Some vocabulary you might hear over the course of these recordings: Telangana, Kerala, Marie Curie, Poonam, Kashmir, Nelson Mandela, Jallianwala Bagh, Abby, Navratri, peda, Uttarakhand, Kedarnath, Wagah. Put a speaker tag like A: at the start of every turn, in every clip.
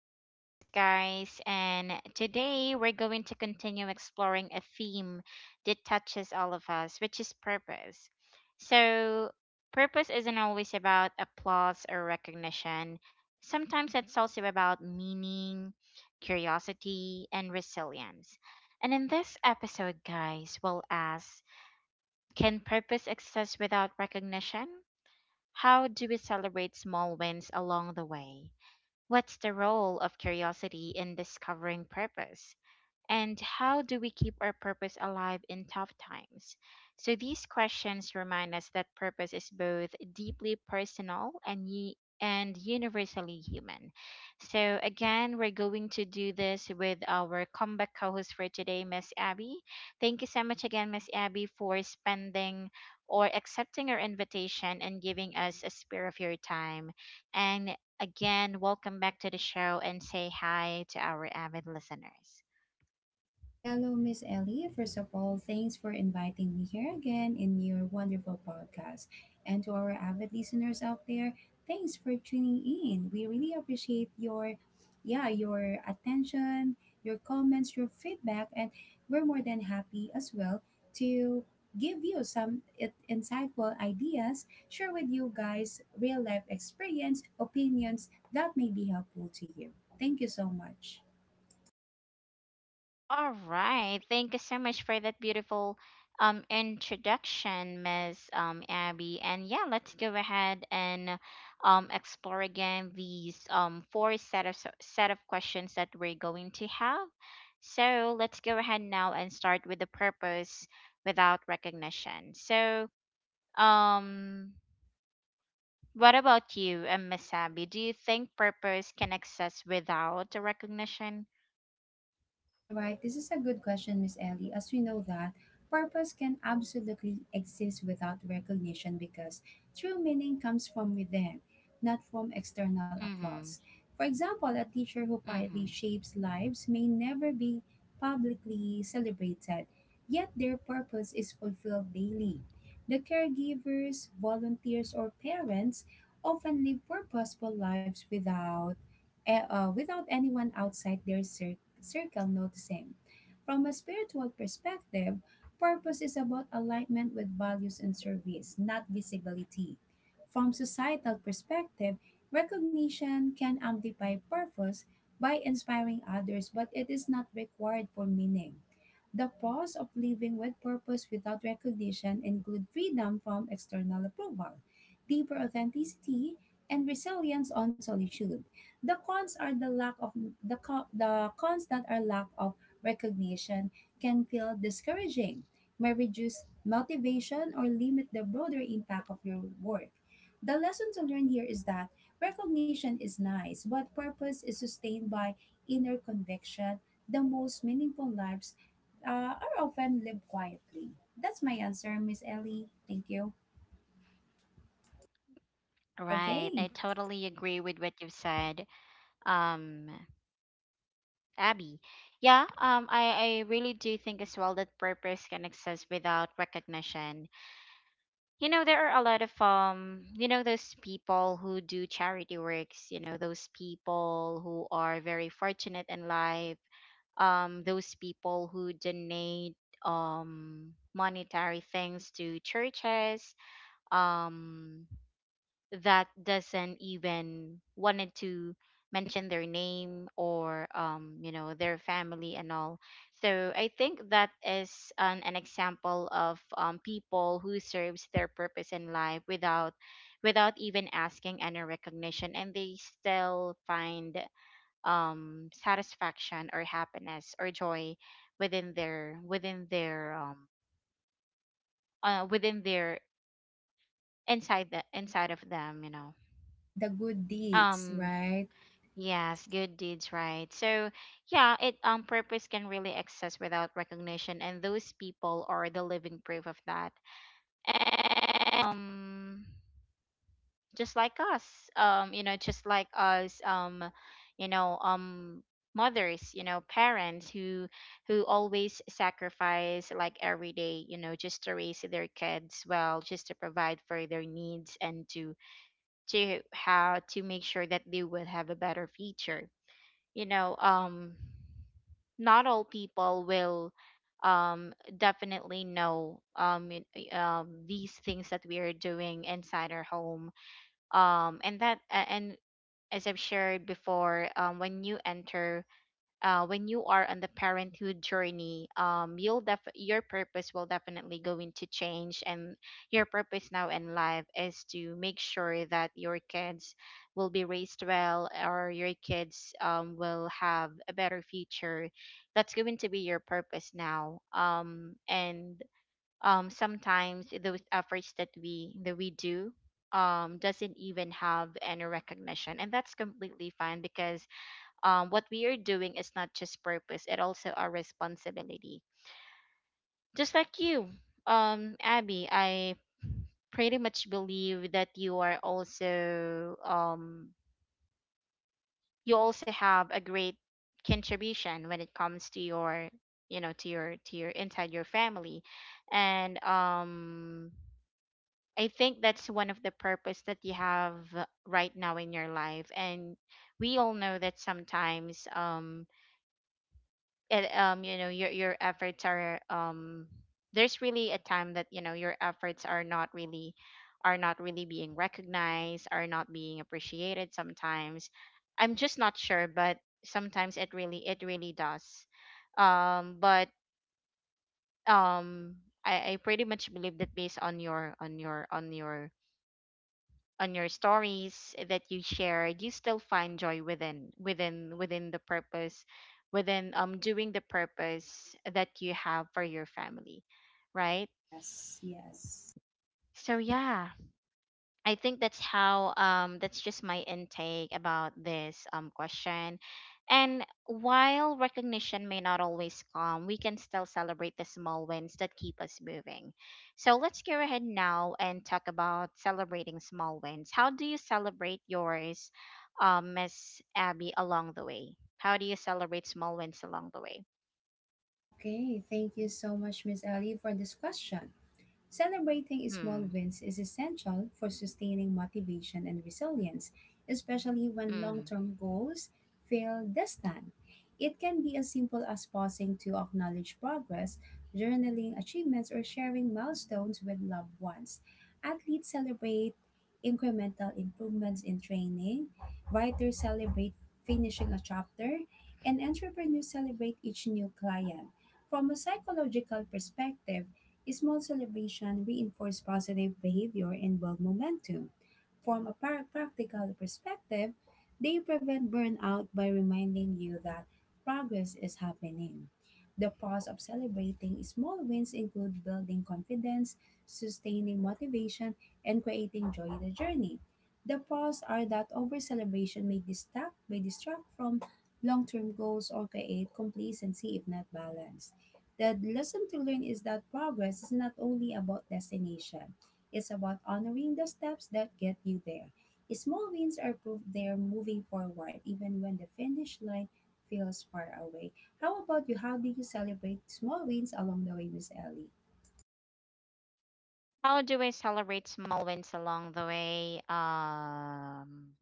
A: our podcast, guys. And today we're going to continue exploring a theme that touches all of us, which is purpose. So, purpose isn't always about applause or recognition. Sometimes it's also about meaning, curiosity, and resilience. And in this episode, guys, we'll ask, can purpose exist without recognition? How do we celebrate small wins along the way? What's the role of curiosity in discovering purpose? And how do we keep our purpose alive in tough times? So these questions remind us that purpose is both deeply personal and universally human. So again, we're going to do this with our comeback co-host for today, Miss Abby. Thank you so much again, Miss Abby, for spending or accepting our invitation and giving us a spare of your time. And again, welcome back to the show and say hi to our avid listeners.
B: Hello, Miss Ellie. First of all, thanks for inviting me here again in your wonderful podcast. And to our avid listeners out there, thanks for tuning in. We really appreciate your yeah, your attention, your comments, your feedback, and we're more than happy as well to give you some insightful ideas, share with you guys real life experience, opinions that may be helpful to you. Thank you so much.
A: All right. Thank you so much for that beautiful introduction, Miss Abby. And yeah, let's go ahead and explore again these four set of set of questions that we're going to have. So let's go ahead now and start with the purpose without recognition. So um what about you, Miss Abby? Do you think purpose can exist without the recognition?
B: All right, this is a good question, Miss Ellie. As we know that purpose can absolutely exist without recognition because true meaning comes from within, not from external
A: Mm-hmm.
B: applause. For example, a teacher who
A: Mm-hmm.
B: quietly shapes lives may never be publicly celebrated, yet their purpose is fulfilled daily. The caregivers, volunteers, or parents often live purposeful lives without without anyone outside their circle noticing. From a spiritual perspective, purpose is about alignment with values and service, not visibility. From societal perspective, recognition can amplify purpose by inspiring others, but it is not required for meaning. The pros of living with purpose without recognition include freedom from external approval, deeper authenticity, and resilience on solitude. The cons are the lack of the cons that are lack of recognition, can feel discouraging, may reduce motivation or limit the broader impact of your work. The lesson to learn here is that recognition is nice, but purpose is sustained by inner conviction. The most meaningful lives are often lived quietly. That's my answer, Miss Ellie. Thank you.
A: Right. I
B: Okay.
A: totally agree with what you've said, um, Abby. Yeah, I really do think as well that purpose can exist without recognition. You know, there are a lot of those people who do charity works, you know, those people who are very fortunate in life, those people who donate monetary things to churches, um that doesn't even wanted to mention their name or their family and all. So I think that is an example of people who serves their purpose in life without even asking any recognition, and they still find satisfaction or happiness or joy within their uh, within their inside of them, you know.
B: The good deeds,
A: um
B: right?
A: Yes, good deeds, right? So, yeah, it purpose can really exist without recognition, and those people are the living proof of that. And, just like us, you know, just like us, you know, mothers, you know, parents who always sacrifice like every day, you know, just to raise their kids well, just to provide for their needs and to how to make sure that they will have a better future, you know. Not all people will definitely know, these things that we are doing inside our home. And as I've shared before, when you are on the parenthood journey, your purpose will definitely going to change, and your purpose now in life is to make sure that your kids will be raised well, or your kids, will have a better future. That's going to be your purpose now. And sometimes those efforts that we do, doesn't even have any recognition, and that's completely fine because, what we are doing is not just purpose, it also our responsibility. Just like you, Abby, I pretty much believe that you also have a great contribution when it comes to your, inside your family. And I think that's one of the purpose that you have right now in your life. And we all know that sometimes, it you know your efforts are, there's really a time that, you know, your efforts are not really being recognized, are not being appreciated sometimes. I'm just not sure, but sometimes it really does, but um I pretty much believe that based on your stories that you shared, you still find joy within the purpose, within doing the purpose that you have for your family, right?
B: Yes, yes.
A: So yeah, I think that's how that's just my intake about this question. And while recognition may not always come, we can still celebrate the small wins that keep us moving. So let's go ahead now and talk about celebrating small wins. How do you celebrate yours, Miss Abby, along the way? How do you celebrate small wins along the way?
B: Okay, thank you so much, Miss Ellie, for this question. Celebrating small
A: Hmm.
B: wins is essential for sustaining motivation and resilience, especially when
A: Mm.
B: long term goals feel distant. It can be as simple as pausing to acknowledge progress, journaling achievements, or sharing milestones with loved ones. Athletes celebrate incremental improvements in training, writers celebrate finishing a chapter, and entrepreneurs celebrate each new client. From a psychological perspective, small celebration reinforce positive behavior and build momentum. From a practical perspective, they prevent burnout by reminding you that progress is happening. The pros of celebrating small wins include building confidence, sustaining motivation, and creating joy in the journey. The pros are that over celebration may distract from long term goals or create complacency if not balanced. The lesson to learn is that progress is not only about destination, it's about honoring the steps that get you there. Small wins are proof they're moving forward, even when the finish line feels far away. How about you? How do you celebrate small wins along the way, Miss Ellie?
A: How do I celebrate small wins along the way?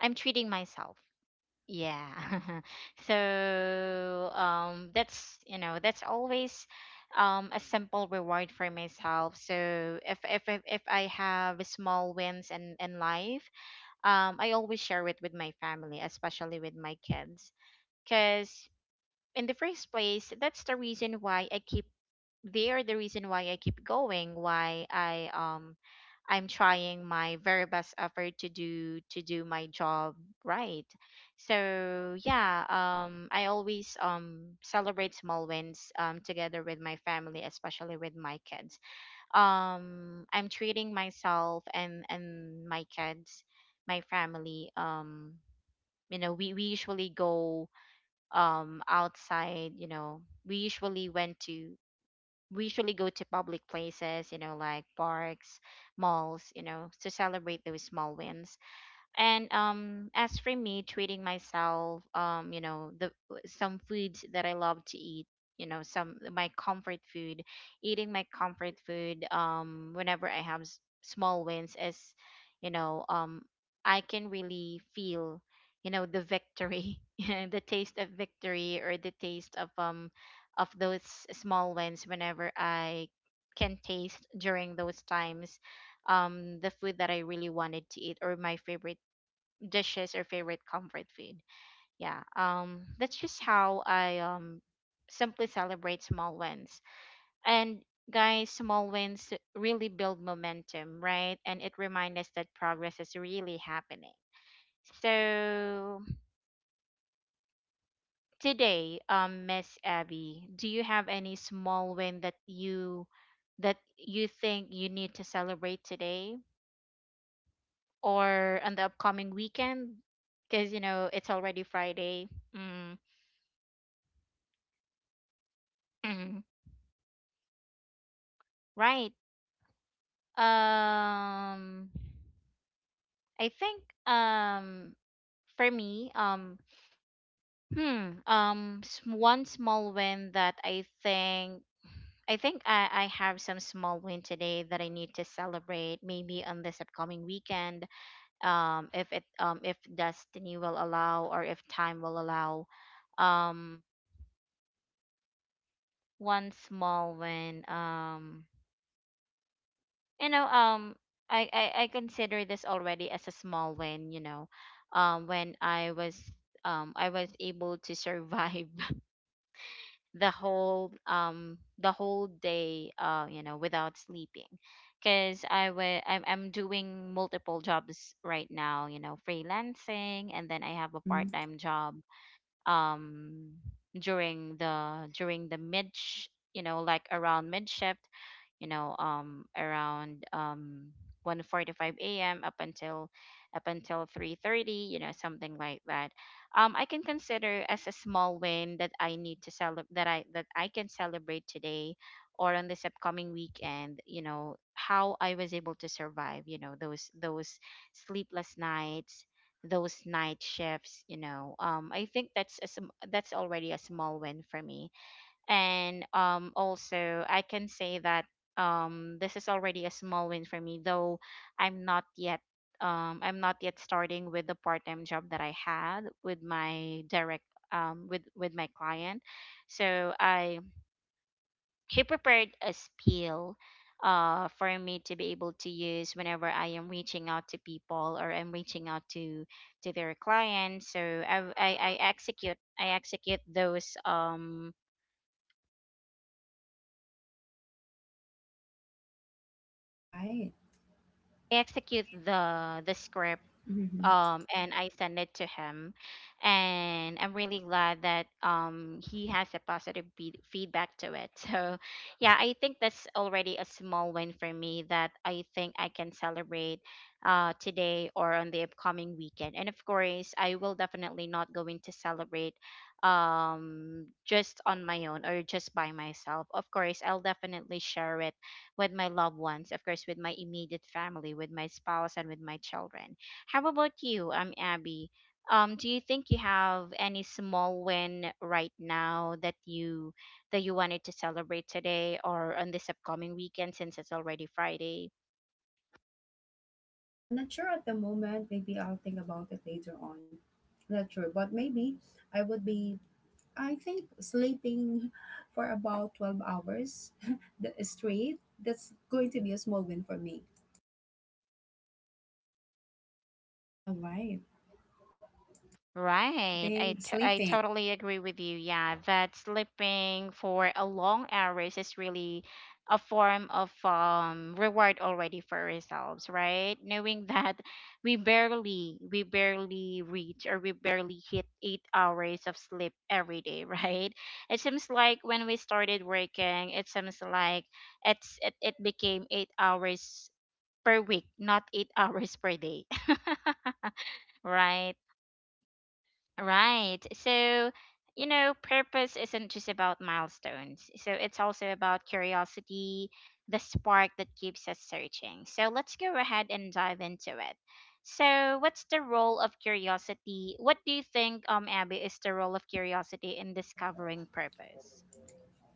A: I'm treating myself. Yeah. So that's, you know, that's always a simple reward for myself. So if I have small wins in life, I always share it with my family, especially with my kids, cuz in the first place, that's the reason why I keep they are the reason why I keep going, why I I'm trying my very best effort to do my job, right. So yeah, I always celebrate small wins together with my family, especially with my kids. I'm treating myself and my kids, my family, we usually go outside, you know, we usually went to we usually go to public places, you know, like parks, malls, you know, to celebrate those small wins. And as for me, treating myself, the some foods that I love to eat, you know, some my comfort food, eating my comfort food, whenever I have small wins, is, you know, I can really feel, you know, the victory, yeah, the taste of victory, or the taste of, of those small wins. Whenever I can taste during those times the food that I really wanted to eat, or my favorite dishes or favorite comfort food. Yeah. That's just how I simply celebrate small wins. And guys, small wins really build momentum, right? And it reminds us that progress is really happening. So today, Miss Abby, do you have any small win that you think you need to celebrate today or on the upcoming weekend? Because you know it's already Friday. Mm. Right. Um I think, for me um hmm s- one small win that I think I have some small win today that I need to celebrate maybe on this upcoming weekend, if destiny will allow, or if time will allow. um One small win, you know um I consider this already as a small win, you know, when I was I was able to survive the whole day, you know, without sleeping, because I'm doing multiple jobs right now, you know, freelancing, and then I have a
B: Mm-mm.
A: part-time job, um during the mid sh- you know like around mid shift, you know, around, 1:45 a.m., up until 3:30, you know, something like that, I can consider as a small win that I need to celebrate that I can celebrate today or on this upcoming weekend. You know how I was able to survive, you know, those sleepless nights, those night shifts, you know, I think that's that's already a small win for me. And also I can say that this is already a small win for me, though i'm not yet I'm not yet starting with the part-time job that I had with my direct, with my client. So, I he prepared a spiel, for me to be able to use whenever I am reaching out to people, or I'm reaching out to their clients. So
B: All right.
A: I execute the script,
B: Mm-hmm.
A: and I sent it to him, and I'm really glad that he has a positive feedback to it. So yeah, I think that's already a small win for me that I think I can celebrate today or on the upcoming weekend. And of course I will definitely not going to celebrate just on my own or just by myself. Of course, I'll definitely share it with my loved ones, of course with my immediate family, with my spouse and with my children. How about you, Abby? Do you think you have any small win right now that you wanted to celebrate today or on this upcoming weekend, since it's already Friday?
B: Not sure at the moment. Maybe I'll think about it later on. Not sure, but maybe I would be. I think sleeping for about 12 hours straight, that's going to be a small win for me. All right. I
A: Right. I,
B: think
A: t- I
B: sleeping.
A: totally agree with you. Yeah, that sleeping for a long hours is really a form of reward already for ourselves, right? Knowing that we barely reach, or we barely hit 8 hours of sleep every day, right? It seems like when we started working, it seems like it became 8 hours per week, not 8 hours per day. Right? Right. So, purpose isn't just about milestones. So it's also about curiosity, the spark that keeps us searching. So let's go ahead and dive into it. So, what's the role of curiosity? What do you think, Abby, is the role of curiosity in discovering purpose?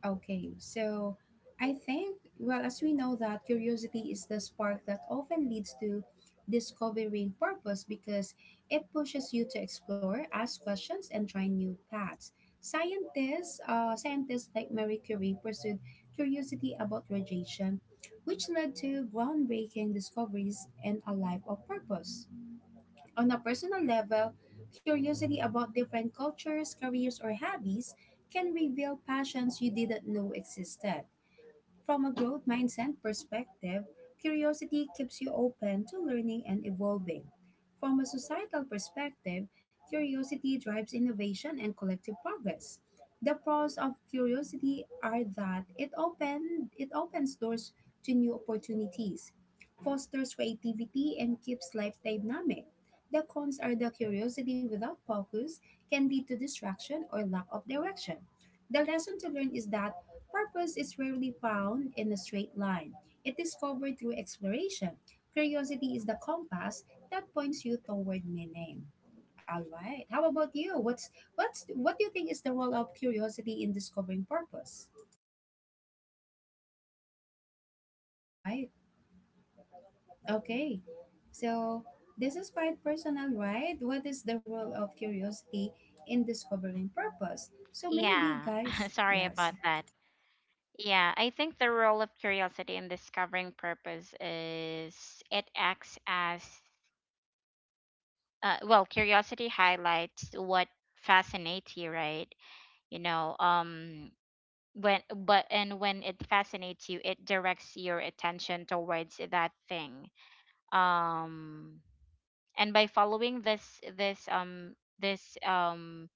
B: Okay, so I think, well, as we know that curiosity is the spark that often leads to discovering purpose because it pushes you to explore, ask questions, and try new paths. Scientists like Marie Curie pursued curiosity about radiation, which led to groundbreaking discoveries and a life of purpose. On a personal level, curiosity about different cultures, careers, or hobbies can reveal passions you didn't know existed. From a growth mindset perspective, curiosity keeps you open to learning and evolving. From a societal perspective, curiosity drives innovation and collective progress. The pros of curiosity are that it opens doors to new opportunities, fosters creativity and keeps life dynamic. The cons are that curiosity without focus can lead to distraction or lack of direction. The lesson to learn is that purpose is rarely found in a straight line. It is discovered through exploration. Curiosity is the compass that points you toward meaning. All right. How about you? What do you think is the role of curiosity in discovering purpose? Right. Okay. So this is quite personal, right? What is the role of curiosity in discovering purpose? So maybe
A: Yeah,
B: guys,
A: sorry about
B: yes.
A: that. Yeah, I think the role of curiosity in discovering purpose is it acts as well, curiosity highlights what fascinates you, right? you know um when, but and when it fascinates you, it directs your attention towards that thing. um and by following this um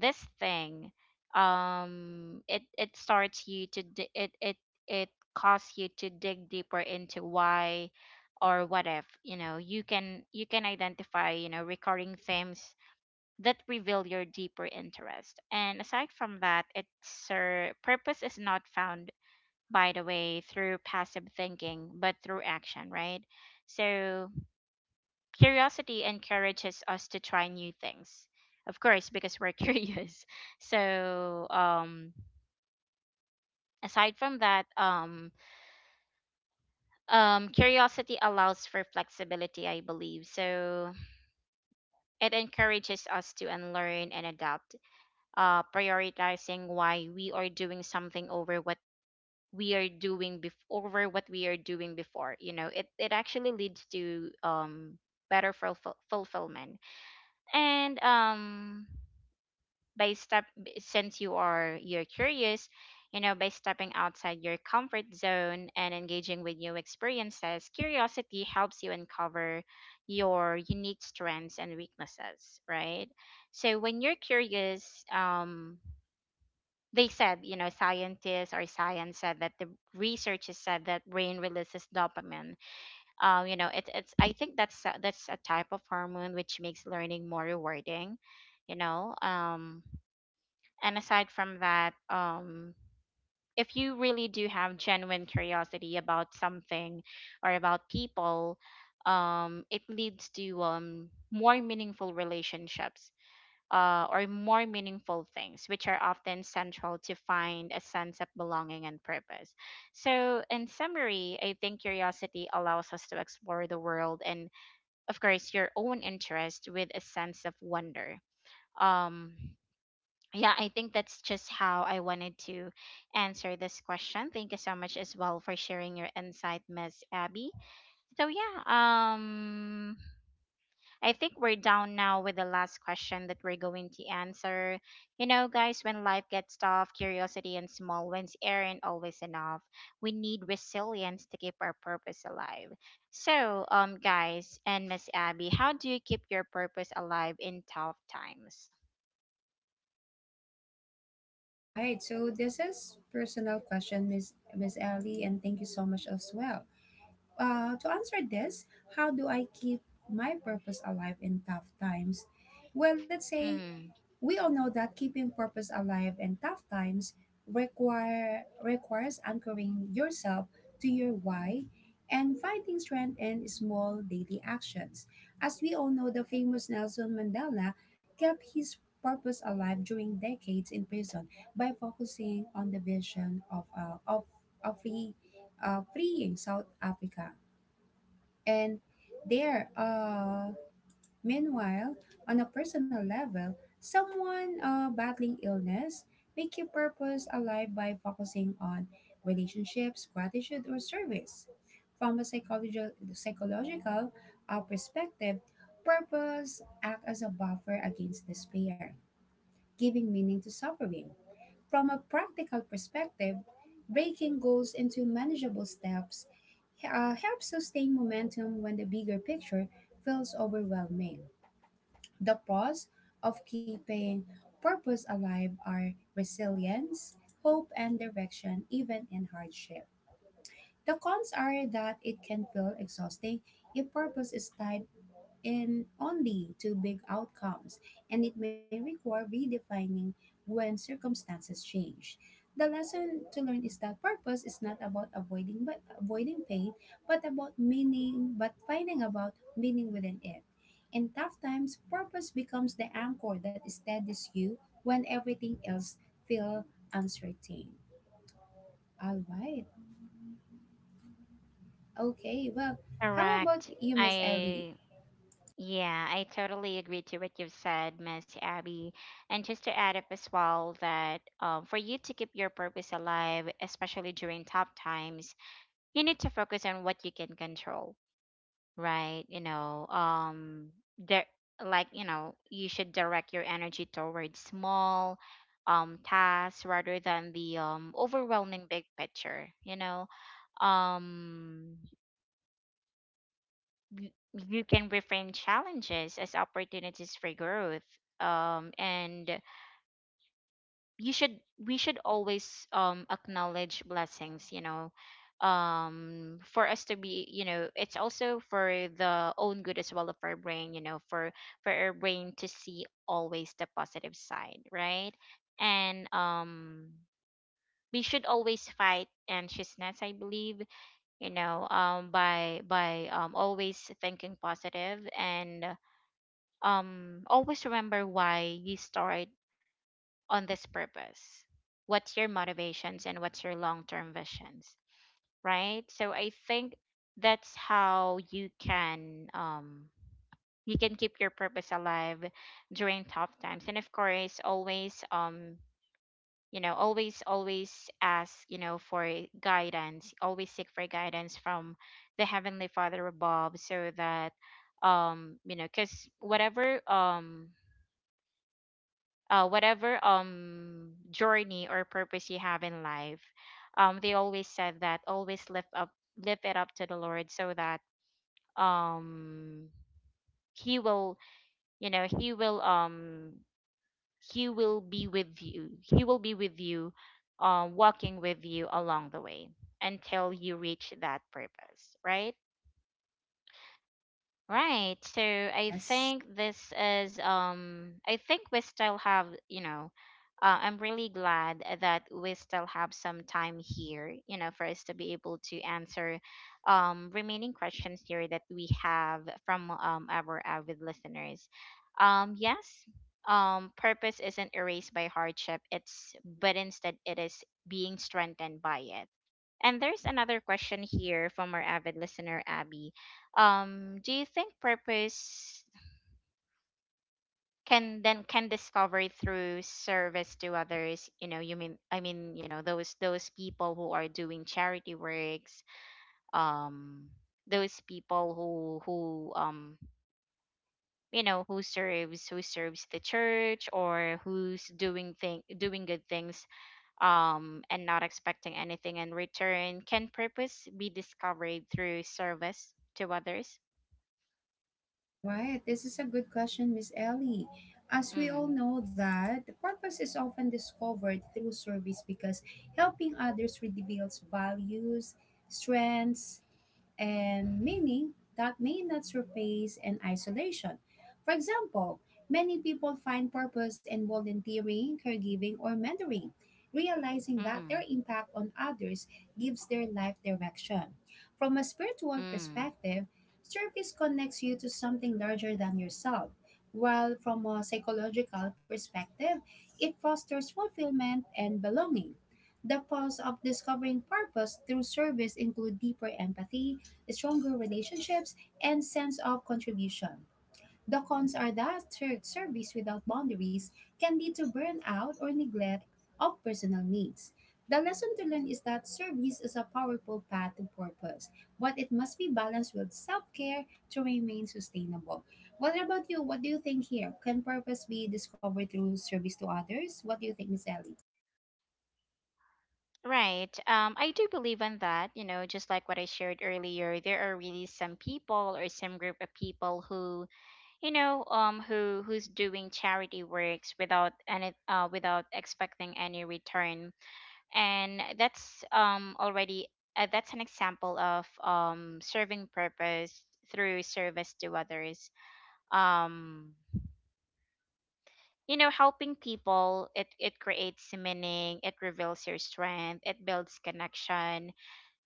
A: this thing, it starts you to di- it causes you to dig deeper into why or what if. You know, you can, you can identify, you know, recurring themes that reveal your deeper interest. And aside from that, it's purpose is not found, by the way, through passive thinking, but through action, right? So curiosity encourages us to try new things, of course, because we're curious. So aside from that, curiosity allows for flexibility, I believe. So it encourages us to unlearn and adapt, prioritizing why we are doing something over what we are doing before you know, it actually leads to better fulfillment. And by step Since you're curious, you know, by stepping outside your comfort zone and engaging with new experiences, curiosity helps you uncover your unique strengths and weaknesses, right? So when you're curious, they said, you know, scientists, or science said that the researchers said that brain releases dopamine. You know, it's it's. I think that's that's a type of hormone which makes learning more rewarding. You know, and aside from that, if you really do have genuine curiosity about something or about people, it leads to more meaningful relationships, or more meaningful things, which are often central to find a sense of belonging and purpose. So, in summary, I think curiosity allows us to explore the world and, of course, your own interest with a sense of wonder. Um, yeah, I think that's just how I wanted to answer this question. Thank you so much as well for sharing your insight, Miss Abby. So yeah, I think we're down now with the last question that we're going to answer. You know, guys, when life gets tough, curiosity and small wins aren't always enough. We need resilience to keep our purpose alive. So, guys and Miss Abby, how do you keep your purpose alive in tough times?
B: All right, so this is personal question, Miss Ellie, and thank you so much as well. To answer this, how do I keep my purpose alive in tough times? Well, let's say
A: Mm,
B: we all know that keeping purpose alive in tough times requires anchoring yourself to your why and finding strength in small daily actions. As we all know, the famous Nelson Mandela kept his purpose alive during decades in prison by focusing on the vision of freeing South Africa. And there, uh, Meanwhile, on a personal level, someone battling illness may keep purpose alive by focusing on relationships, gratitude, or service. From a psychological perspective, purpose acts as a buffer against despair, giving meaning to suffering. From a practical perspective, breaking goals into manageable steps helps sustain momentum when the bigger picture feels overwhelming. The pros of keeping purpose alive are resilience, hope, and direction, even in hardship. The cons are that it can feel exhausting if purpose is tied in only to big outcomes, and it may require redefining when circumstances change. The lesson to learn is that purpose is not about avoiding pain, but about meaning, but finding about meaning within it. In tough times, purpose becomes the anchor that steadies you when everything else feels uncertain. All right. Okay. Well, how about
A: correct.
B: you, Miss Ellie?
A: I Yeah, I totally agree to what you've said, Miss Abby. And just to add up as well that for you to keep your purpose alive, especially during tough times, you need to focus on what you can control, right? You know, there, like, you know, you should direct your energy towards small tasks rather than the overwhelming big picture. You know, um you can reframe challenges as opportunities for growth, and you should we should always acknowledge blessings, you know, for us to be, you know, it's also for the own good as well of our brain, you know, for our brain to see always the positive side, right? And we should always fight anxiousness, I believe, you know, by always thinking positive, and always remember why you start on this purpose, what's your motivations and what's your long-term visions, right? So I think that's how you can, you can keep your purpose alive during tough times. And of course, always, you know, always, ask, you know, for guidance, always seek for guidance from the heavenly Father above, so that you know, because whatever whatever journey or purpose you have in life, they always said that always lift up, lift it up to the Lord, so that um he will, you know, he will be with you, walking with you along the way until you reach that purpose, right? Right. So I
B: Yes.
A: think this is I think we still have, you know, I'm really glad that we still have some time here, you know, for us to be able to answer remaining questions here that we have from our avid listeners. Yes, purpose isn't erased by hardship, it's but instead it is being strengthened by it. And there's another question here from our avid listener, Abby. Do you think purpose can discover through service to others? You know, you mean I mean, you know, those people who are doing charity works, um, those people who, who serves, who serves the church, or who's doing good things, and not expecting anything in return. Can purpose be discovered through service to others?
B: All right, this is a good question, Miss Ellie. As we all
A: Mm,
B: know that the purpose is often discovered through service because helping others reveals values, strengths, and meaning that may not surface in isolation. For example, many people find purpose in volunteering, caregiving, or mentoring, realizing that
A: mm,
B: their impact on others gives their life direction. From a spiritual
A: mm.
B: perspective, service connects you to something larger than yourself, while from a psychological perspective, it fosters fulfillment and belonging. The pulse of discovering purpose through service include deeper empathy, stronger relationships, and sense of contribution. The cons are that service without boundaries can lead to burnout or neglect of personal needs. The lesson to learn is that service is a powerful path to purpose, but it must be balanced with self care to remain sustainable. What about you? What do you think here? Can purpose be discovered through service to others? What do you think, Miss Ellie?
A: Right. I do believe in that. You know, just like what I shared earlier, there are really some people or some group of people who, you know, who, who's doing charity works without any, without expecting any return, and that's already, that's an example of serving purpose through service to others. um you know, helping people, it creates meaning, it reveals your strength, it builds connection,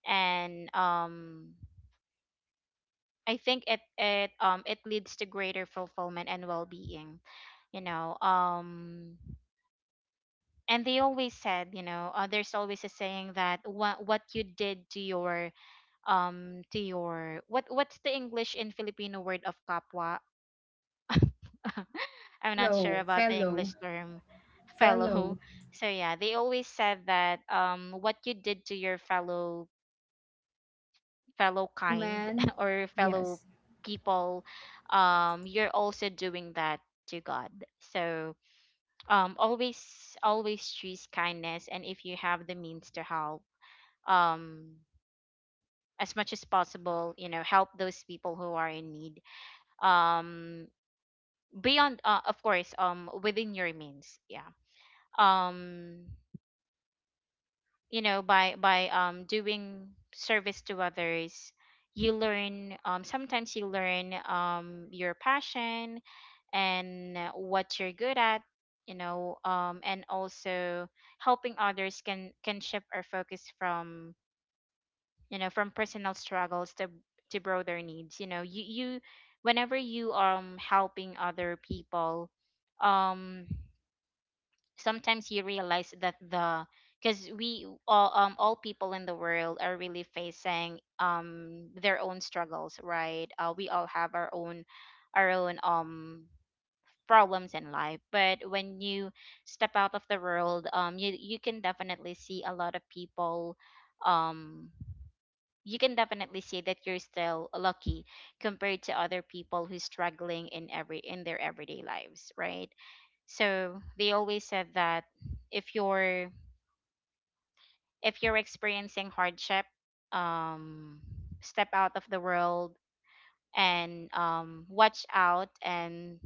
A: and I think it leads to greater fulfillment and well-being, you know. And they always said, you know, there's always a saying that what you did to your to your, what, what's the English and Filipino word of kapwa? I'm not sure
B: Fellow,
A: about the English
B: fellow,
A: term. Fellow.
B: fellow,
A: So yeah, they always said that what you did to your fellow, fellow
B: fellow
A: kind
B: man.
A: or fellow
B: Yes.
A: people, you're also doing that to God. So always, always choose kindness, and if you have the means to help, um as much as possible, you know, help those people who are in need, um beyond, of course within your means, yeah. um you know, by doing service to others, you learn, sometimes you learn your passion and, what you're good at, you know. And also, helping others can shift our focus from, you know, from personal struggles to broader needs, you know. You Whenever you are, helping other people, um sometimes you realize that, the because we all, all people in the world, are really facing their own struggles, right? We all have our own, our own problems in life. But when you step out of the world, you, you can definitely see a lot of people, um you can definitely say that you're still lucky compared to other people who's struggling in their everyday lives, right? So they always said that if you're, if you're experiencing hardship, um step out of the world, and watch out, and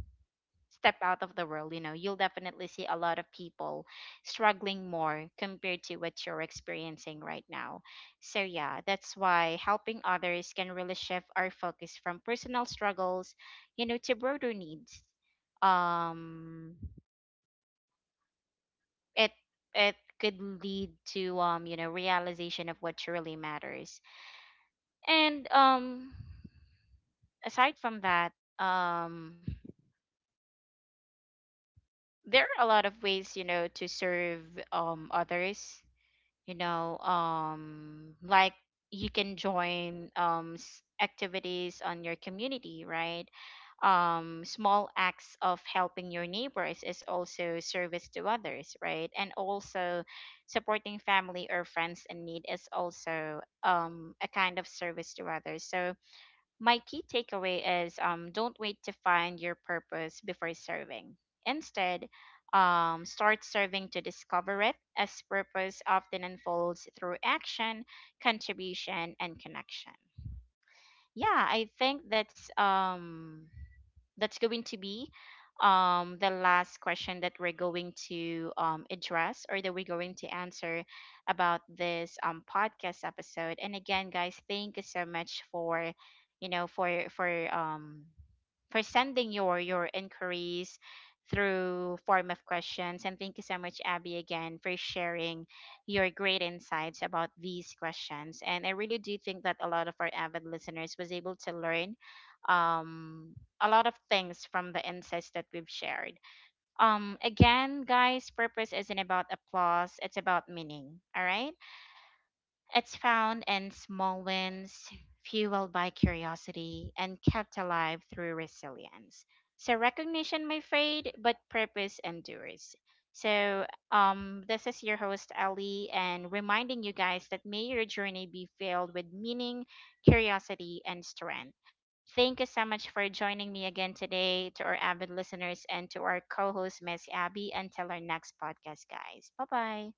A: step out of the world, you know, you'll definitely see a lot of people struggling more compared to what you're experiencing right now. So, yeah, that's why helping others can really shift our focus from personal struggles, you know, to broader needs. Um, it it could lead to, you know, realization of what really matters. And aside from that, um, there are a lot of ways, you know, to serve others, you know. Like, you can join activities on your community, right? Small acts of helping your neighbors is also service to others, right? And also supporting family or friends in need is also a kind of service to others. So my key takeaway is, don't wait to find your purpose before serving. Instead, start serving to discover it, as purpose often unfolds through action, contribution, and connection. Yeah, I think that's going to be the last question that we're going to address or that we're going to answer about this podcast episode. And again, guys, thank you so much for, you know, for sending your inquiries through form of questions. And thank you so much, Abby, again, for sharing your great insights about these questions. And I really do think that a lot of our avid listeners was able to learn a lot of things from the insights that we've shared. Again, guys, purpose isn't about applause, it's about meaning, all right? It's found in small wins, fueled by curiosity, and kept alive through resilience. So recognition may fade, but purpose endures. So this is your host Ali, and reminding you guys that may your journey be filled with meaning, curiosity, and strength. Thank you so much for joining me again today, to our avid listeners and to our co-host Miss Abby. Until our next podcast, guys. Bye bye.